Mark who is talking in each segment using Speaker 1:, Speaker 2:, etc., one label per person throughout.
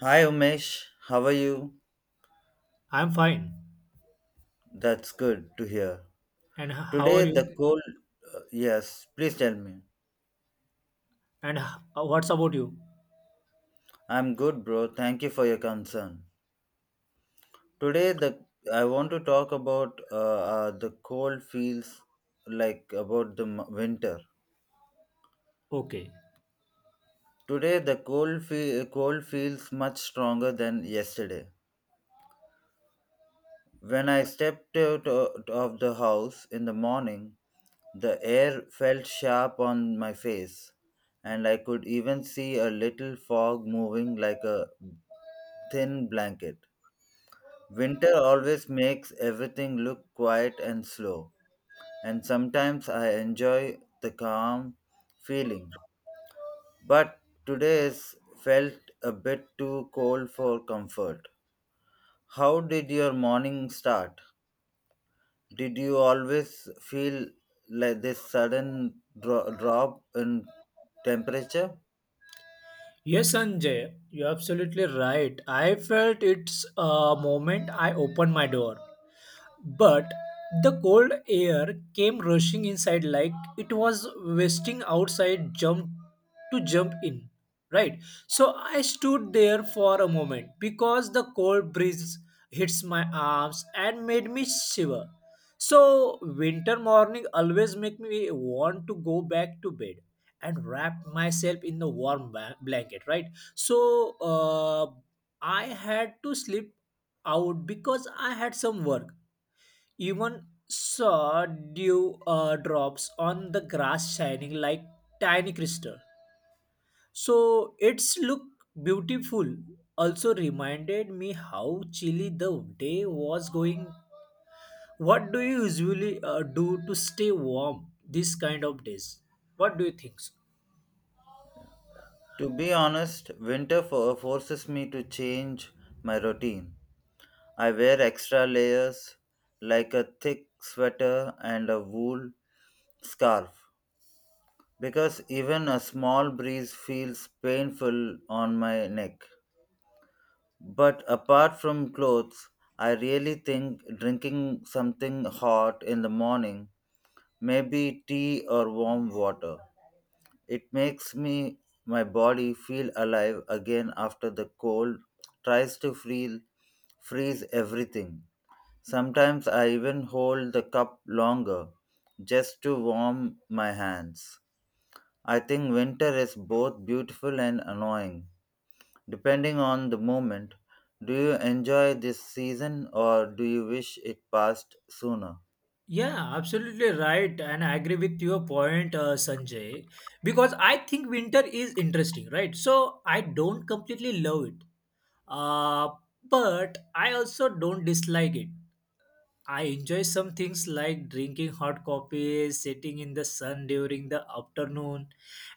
Speaker 1: Hi Umesh, how are you?
Speaker 2: I'm fine.
Speaker 1: That's good to hear.
Speaker 2: And how
Speaker 1: Today
Speaker 2: are you?
Speaker 1: the cold, yes, please tell me.
Speaker 2: And what's about you?
Speaker 1: I'm good, bro. Thank you for your concern. Today the I want to talk about the cold feels like about the winter.
Speaker 2: Okay.
Speaker 1: Today the cold feels much stronger than yesterday. When I stepped out of the house in the morning, the air felt sharp on my face, and I could even see a little fog moving like a thin blanket. Winter always makes everything look quiet and slow, and sometimes I enjoy the calm feeling. But today's felt a bit too cold for comfort. How did your morning start? Did you always feel like this sudden drop in temperature?
Speaker 2: Yes, Sanjay, you're absolutely right. I felt it's a moment I opened my door. But the cold air came rushing inside like it was wasting outside jump to jump in. Right? So I stood there for a moment because the cold breeze hits my arms and made me shiver. So winter morning always make me want to go back to bed and wrap myself in the warm blanket, right? So, I had to sleep out because I had some work. Even saw dew drops on the grass shining like tiny crystal. So its look beautiful also reminded me how chilly the day was going. What do you usually do to stay warm these kind of days? What do you think? So?
Speaker 1: To be honest, winter forces me to change my routine. I wear extra layers like a thick sweater and a wool scarf because even a small breeze feels painful on my neck. But apart from clothes, I really think drinking something hot in the morning. Maybe tea or warm water. It makes me my body feel alive again after the cold tries to feel freeze everything. Sometimes I even hold the cup longer just to warm my hands. I think winter is both beautiful and annoying, depending on the moment. Do you enjoy this season or do you wish it passed sooner?
Speaker 2: Yeah, absolutely right, and I agree with your point, Sanjay, because I think winter is interesting, right? So I don't completely love it, uh, but I also don't dislike it. I enjoy some things like drinking hot coffee, sitting in the sun during the afternoon.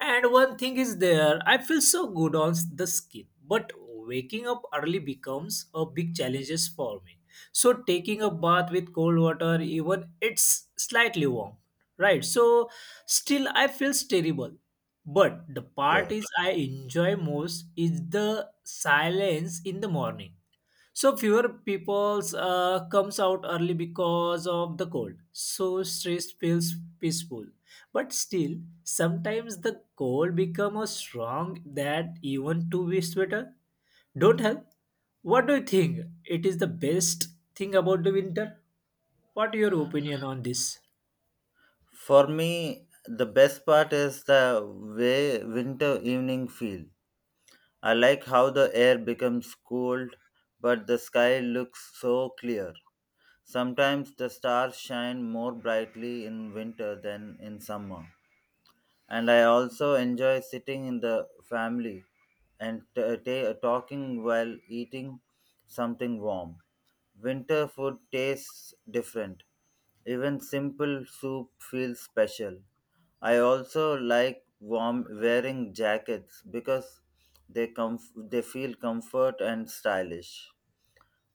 Speaker 2: And one thing is there, I feel so good on the skin. But waking up early becomes a big challenge for me. So taking a bath with cold water, even it's slightly warm, right? So still I feel terrible. But the part
Speaker 1: Okay.
Speaker 2: is I enjoy most is the silence in the morning so fewer peoples comes out early because of the cold. So stress feels peaceful. But still, sometimes the cold become a strong that even two weeks sweater don't help. What do you think? It is the best thing about the winter. What your opinion on this?
Speaker 1: For me, the best part is the way winter evening feel. I like how the air becomes cold, but the sky looks so clear. Sometimes the stars shine more brightly in winter than in summer, and I also enjoy sitting in the family and t- ta talking while eating something warm. Winter food tastes different. Even simple soup feels special. I also like warm wearing jackets because they feel comfort and stylish.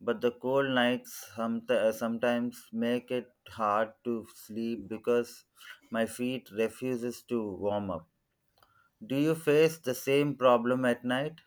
Speaker 1: But the cold nights sometimes make it hard to sleep because my feet refuses to warm up. Do you face the same problem at night?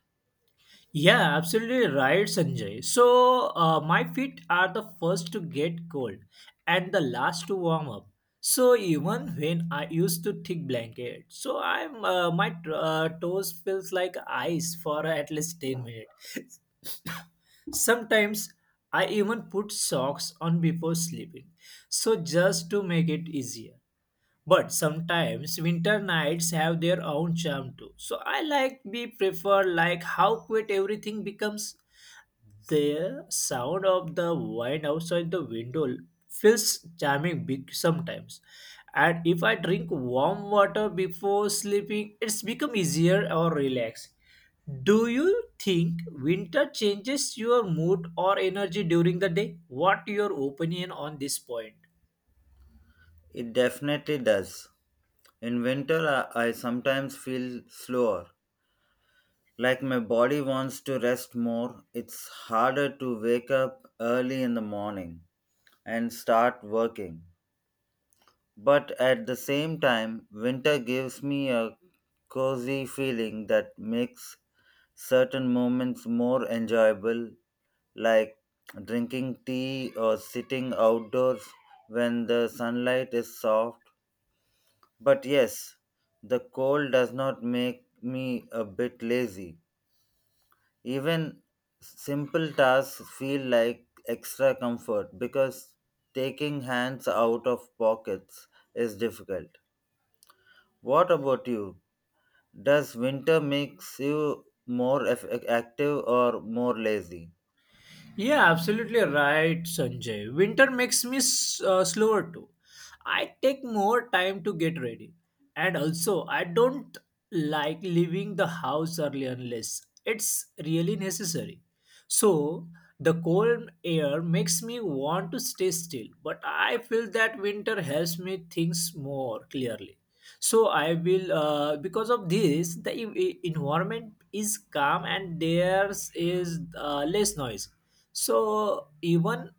Speaker 2: Yeah, absolutely right, Sanjay. So, my feet are the first to get cold and the last to warm up. So, even when I use to thick blanket, so I'm my toes feels like ice for at least 10 minutes. Sometimes I even put socks on before sleeping. So, just to make it easier. But sometimes winter nights have their own charm too. So I like we prefer like how quiet everything becomes. The sound of the wine outside the window feels charming big sometimes. And if I drink warm water before sleeping, it's become easier or relaxing. Do you think winter changes your mood or energy during the day? What your opinion on this point?
Speaker 1: It definitely does. In winter, I sometimes feel slower. Like my body wants to rest more, it's harder to wake up early in the morning and start working. But at the same time, winter gives me a cozy feeling that makes certain moments more enjoyable, like drinking tea or sitting outdoors when the sunlight is soft. But yes, the cold does not make me a bit lazy. Even simple tasks feel like extra comfort because taking hands out of pockets is difficult. What about you? Does winter makes you more active or more lazy?
Speaker 2: Yeah, absolutely right, Sanjay. Winter makes me slower too. I take more time to get ready. And also, I don't like leaving the house early unless it's really necessary. So, the cold air makes me want to stay still, but I feel that winter helps me think more clearly. So I will because of this the environment is calm and there's is less noise. So even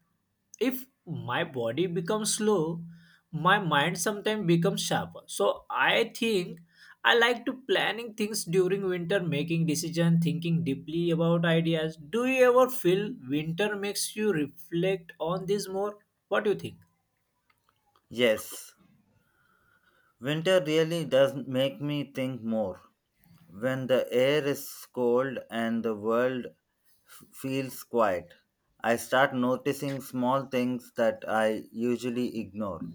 Speaker 2: if my body becomes slow, my mind sometimes becomes sharper. So I think I like to planning things during winter, making decision, thinking deeply about ideas. Do you ever feel winter makes you reflect on this more? What do you think?
Speaker 1: Yes, winter really does make me think more. When the air is cold and the world feels quiet, I start noticing small things that I usually ignore.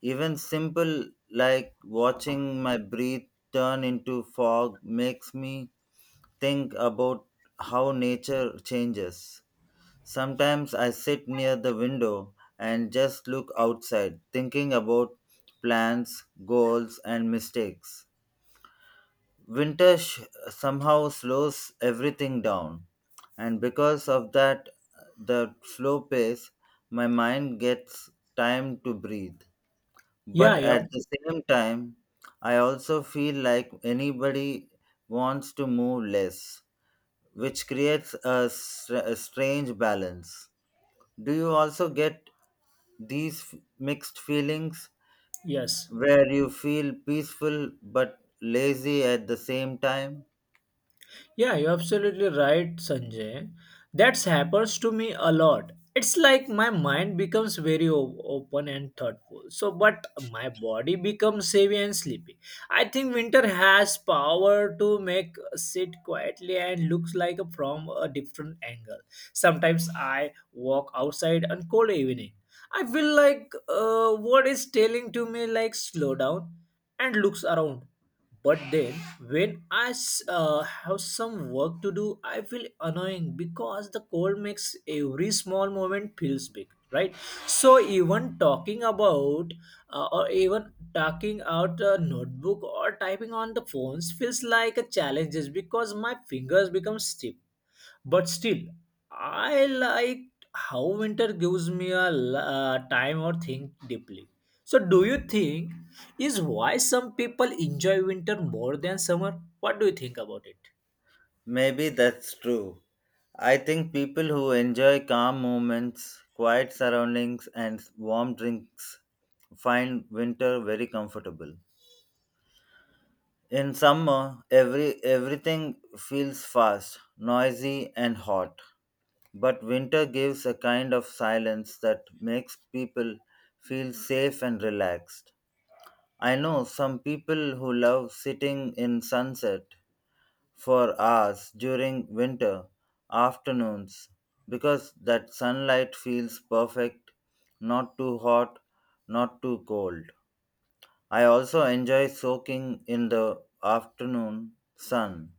Speaker 1: Even simple like watching my breath turn into fog makes me think about how nature changes. Sometimes I sit near the window and just look outside, thinking about plans, goals, and mistakes. Winter sh- Somehow slows everything down, and because of that, the slow pace, my mind gets time to breathe.
Speaker 2: Yeah,
Speaker 1: But
Speaker 2: yeah.
Speaker 1: at the same time, I also feel like anybody wants to move less, which creates a strange balance. Do you also get these mixed feelings
Speaker 2: Yes.
Speaker 1: where you feel peaceful but lazy at the same time?
Speaker 2: Yeah, you're absolutely right, Sanjay. That happens to me a lot. It's like my mind becomes very open and thoughtful. So, but my body becomes heavy and sleepy. I think winter has power to make us sit quietly and looks like a, from a different angle. Sometimes I walk outside on cold evening. I feel like what is telling to me like slow down and looks around. But then, when I have some work to do, I feel annoying because the cold makes every small moment feels big, right? So even talking about or even talking out a notebook or typing on the phones feels like a challenge just because my fingers become stiff. But still, I like how winter gives me a time or think deeply. So, do you think is why some people enjoy winter more than summer? What do you think about it?
Speaker 1: Maybe that's true. I think people who enjoy calm moments, quiet surroundings, and warm drinks find winter very comfortable. In summer, everything feels fast, noisy, and hot. But winter gives a kind of silence that makes people feel safe and relaxed. I know some people who love sitting in sunset for hours during winter afternoons because that sunlight feels perfect, not too hot, not too cold. I also enjoy soaking in the afternoon sun.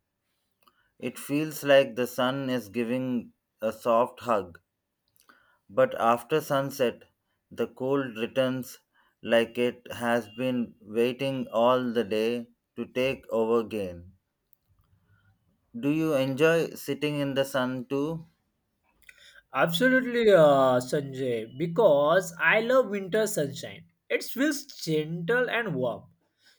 Speaker 1: It feels like the sun is giving a soft hug. But after sunset, the cold returns like it has been waiting all the day to take over again. Do you enjoy sitting in the sun too?
Speaker 2: Absolutely, Sanjay, because I love winter sunshine. It feels gentle and warm.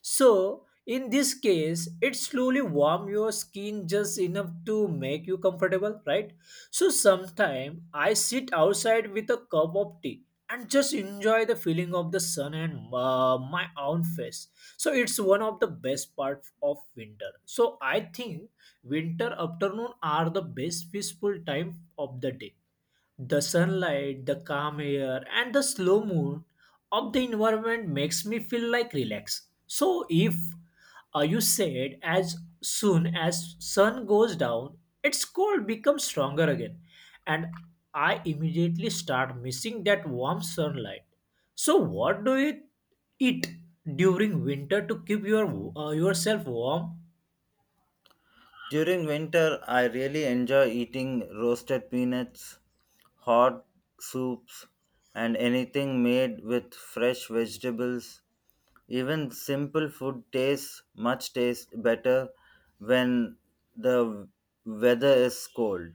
Speaker 2: So, in this case, it slowly warm your skin just enough to make you comfortable, right? So, sometimes I sit outside with a cup of tea and just enjoy the feeling of the sun and my own face. So, it's one of the best parts of winter. So, I think winter afternoon are the best peaceful time of the day the sunlight, the calm air, and the slow moon of the environment makes me feel like relaxed. So if you said as soon as sun goes down, its cold becomes stronger again, and I immediately start missing that warm sunlight. So what do you eat during winter to keep your yourself warm?
Speaker 1: During winter, I really enjoy eating roasted peanuts, hot soups, and anything made with fresh vegetables. Even simple food tastes better when the weather is cold.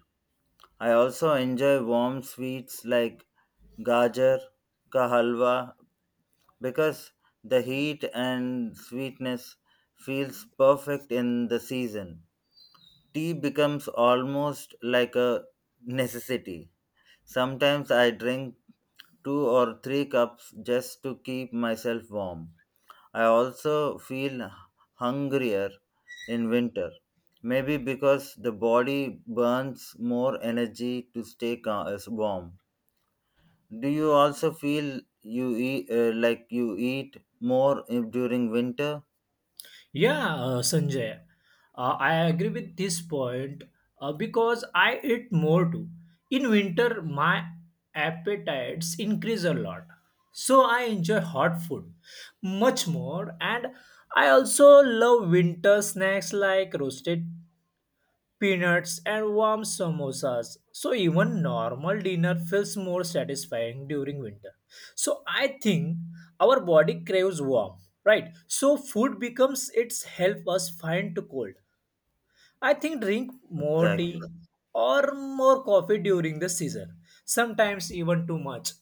Speaker 1: I also enjoy warm sweets like gajar ka halwa because the heat and sweetness feels perfect in the season. Tea becomes almost like a necessity. Sometimes I drink two or three cups just to keep myself warm. I also feel hungrier in winter, maybe because the body burns more energy to stay as warm. Do you also feel you eat like you eat more during winter?
Speaker 2: Yeah, Sanjay, I agree with this point because I eat more too. In winter, my appetites increase a lot. So I enjoy hot food much more, and I also love winter snacks like roasted peanuts, and warm samosas. So even normal dinner feels more satisfying during winter. So I think our body craves warm, right? So food becomes its help us find to cold. I think drink more tea
Speaker 1: Exactly.
Speaker 2: or more coffee during the season. Sometimes even too much.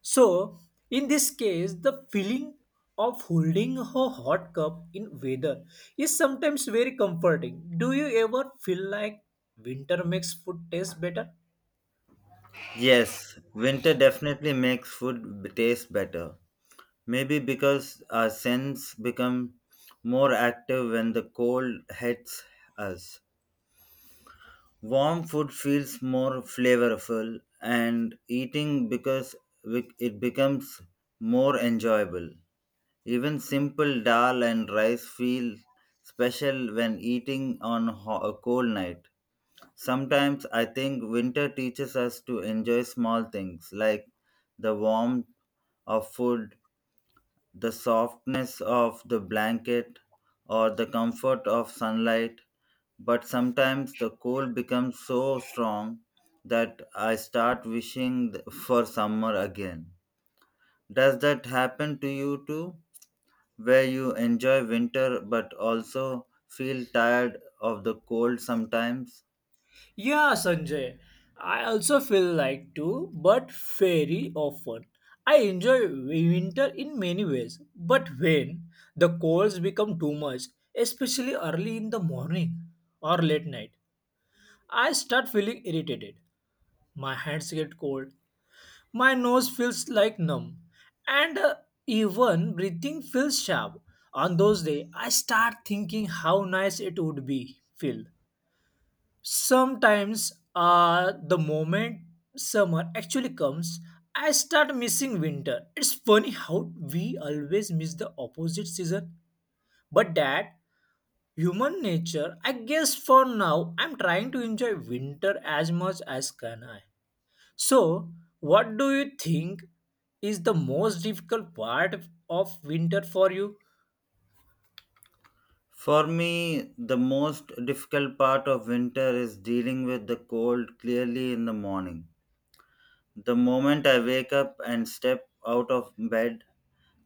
Speaker 2: So, in this case, the feeling of holding a hot cup in weather is sometimes very comforting. Do you ever feel like winter makes food taste better?
Speaker 1: Yes, winter definitely makes food taste better. Maybe because our sense become more active when the cold hits us. Warm food feels more flavorful and eating because it becomes more enjoyable. Even simple dal and rice feel special when eating on a cold night. Sometimes I think winter teaches us to enjoy small things like the warmth of food, the softness of the blanket, or the comfort of sunlight. But sometimes the cold becomes so strong that I start wishing for summer again. Does that happen to you too? Where you enjoy winter but also feel tired of the cold sometimes.
Speaker 2: Yeah, Sanjay. I also feel like too, but very often. I enjoy winter in many ways, but when the colds become too much, especially early in the morning or late night, I start feeling irritated. My hands get cold My nose feels like numb, and even breathing feels sharp. On those days, I start thinking how nice it would be feel. Sometimes, the moment summer actually comes, I start missing winter. It's funny how we always miss the opposite season, but that human nature. I guess for now, I'm trying to enjoy winter as much as can I. So, what do you think is the most difficult part of winter for you?
Speaker 1: For me, the most difficult part of winter is dealing with the cold clearly in the morning. The moment I wake up and step out of bed,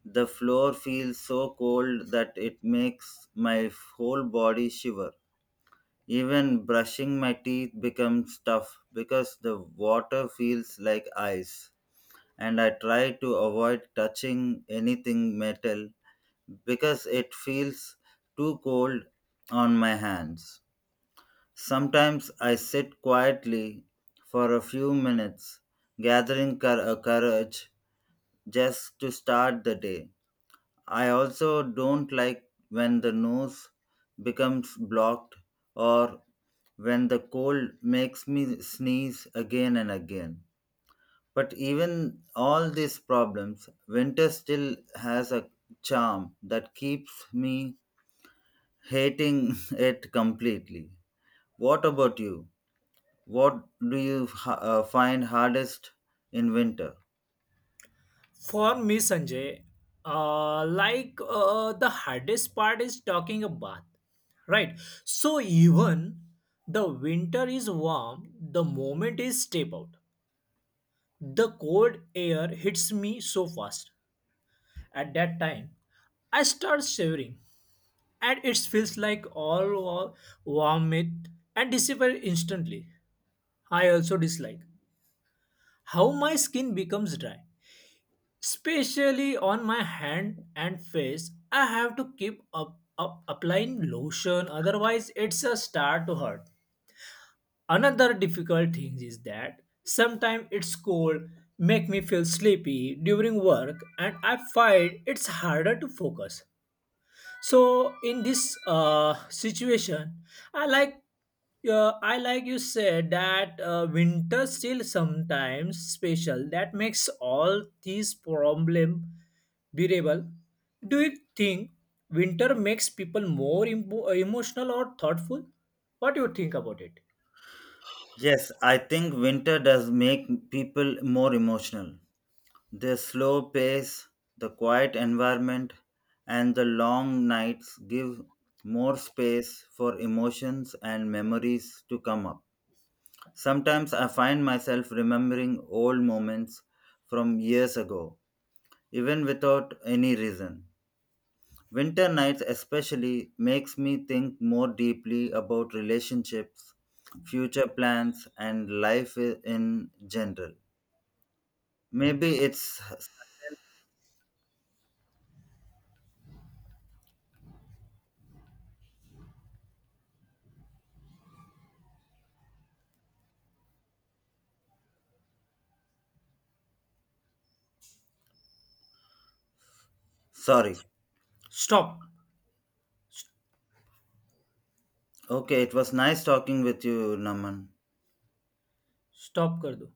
Speaker 1: the floor feels so cold that it makes my whole body shiver. Even brushing my teeth becomes tough because the water feels like ice, and I try to avoid touching anything metal because it feels too cold on my hands. Sometimes I sit quietly for a few minutes, gathering courage just to start the day. I also don't like when the nose becomes blocked or when the cold makes me sneeze again and again. But even all these problems, winter still has a charm that keeps me hating it completely. What about you? What do you find hardest in winter?
Speaker 2: For me, Sanjay, like the hardest part is talking a bath, right? So, even the winter is warm, the moment is step out. The cold air hits me so fast. At that time, I start shivering, and it feels like all warmth and disappear instantly. I also dislike how my skin becomes dry, especially on my hand and face. I have to keep up, up applying lotion, otherwise, it's a start to hurt. Another difficult thing is that sometimes it's cold, make me feel sleepy during work, and I find it's harder to focus. So in this situation, I like I like you said that winter still sometimes special. That makes all these problem bearable. Do you think winter makes people more emotional or thoughtful? What do you think about it?
Speaker 1: Yes, I think winter does make people more emotional. The slow pace, the quiet environment, and the long nights give more space for emotions and memories to come up. Sometimes I find myself remembering old moments from years ago, even without any reason. Winter nights especially makes me think more deeply about relationships, future plans and life in general. Maybe it's sorry.
Speaker 2: Stop.
Speaker 1: Okay, it was nice talking with you, Naman.
Speaker 2: Stop कर दो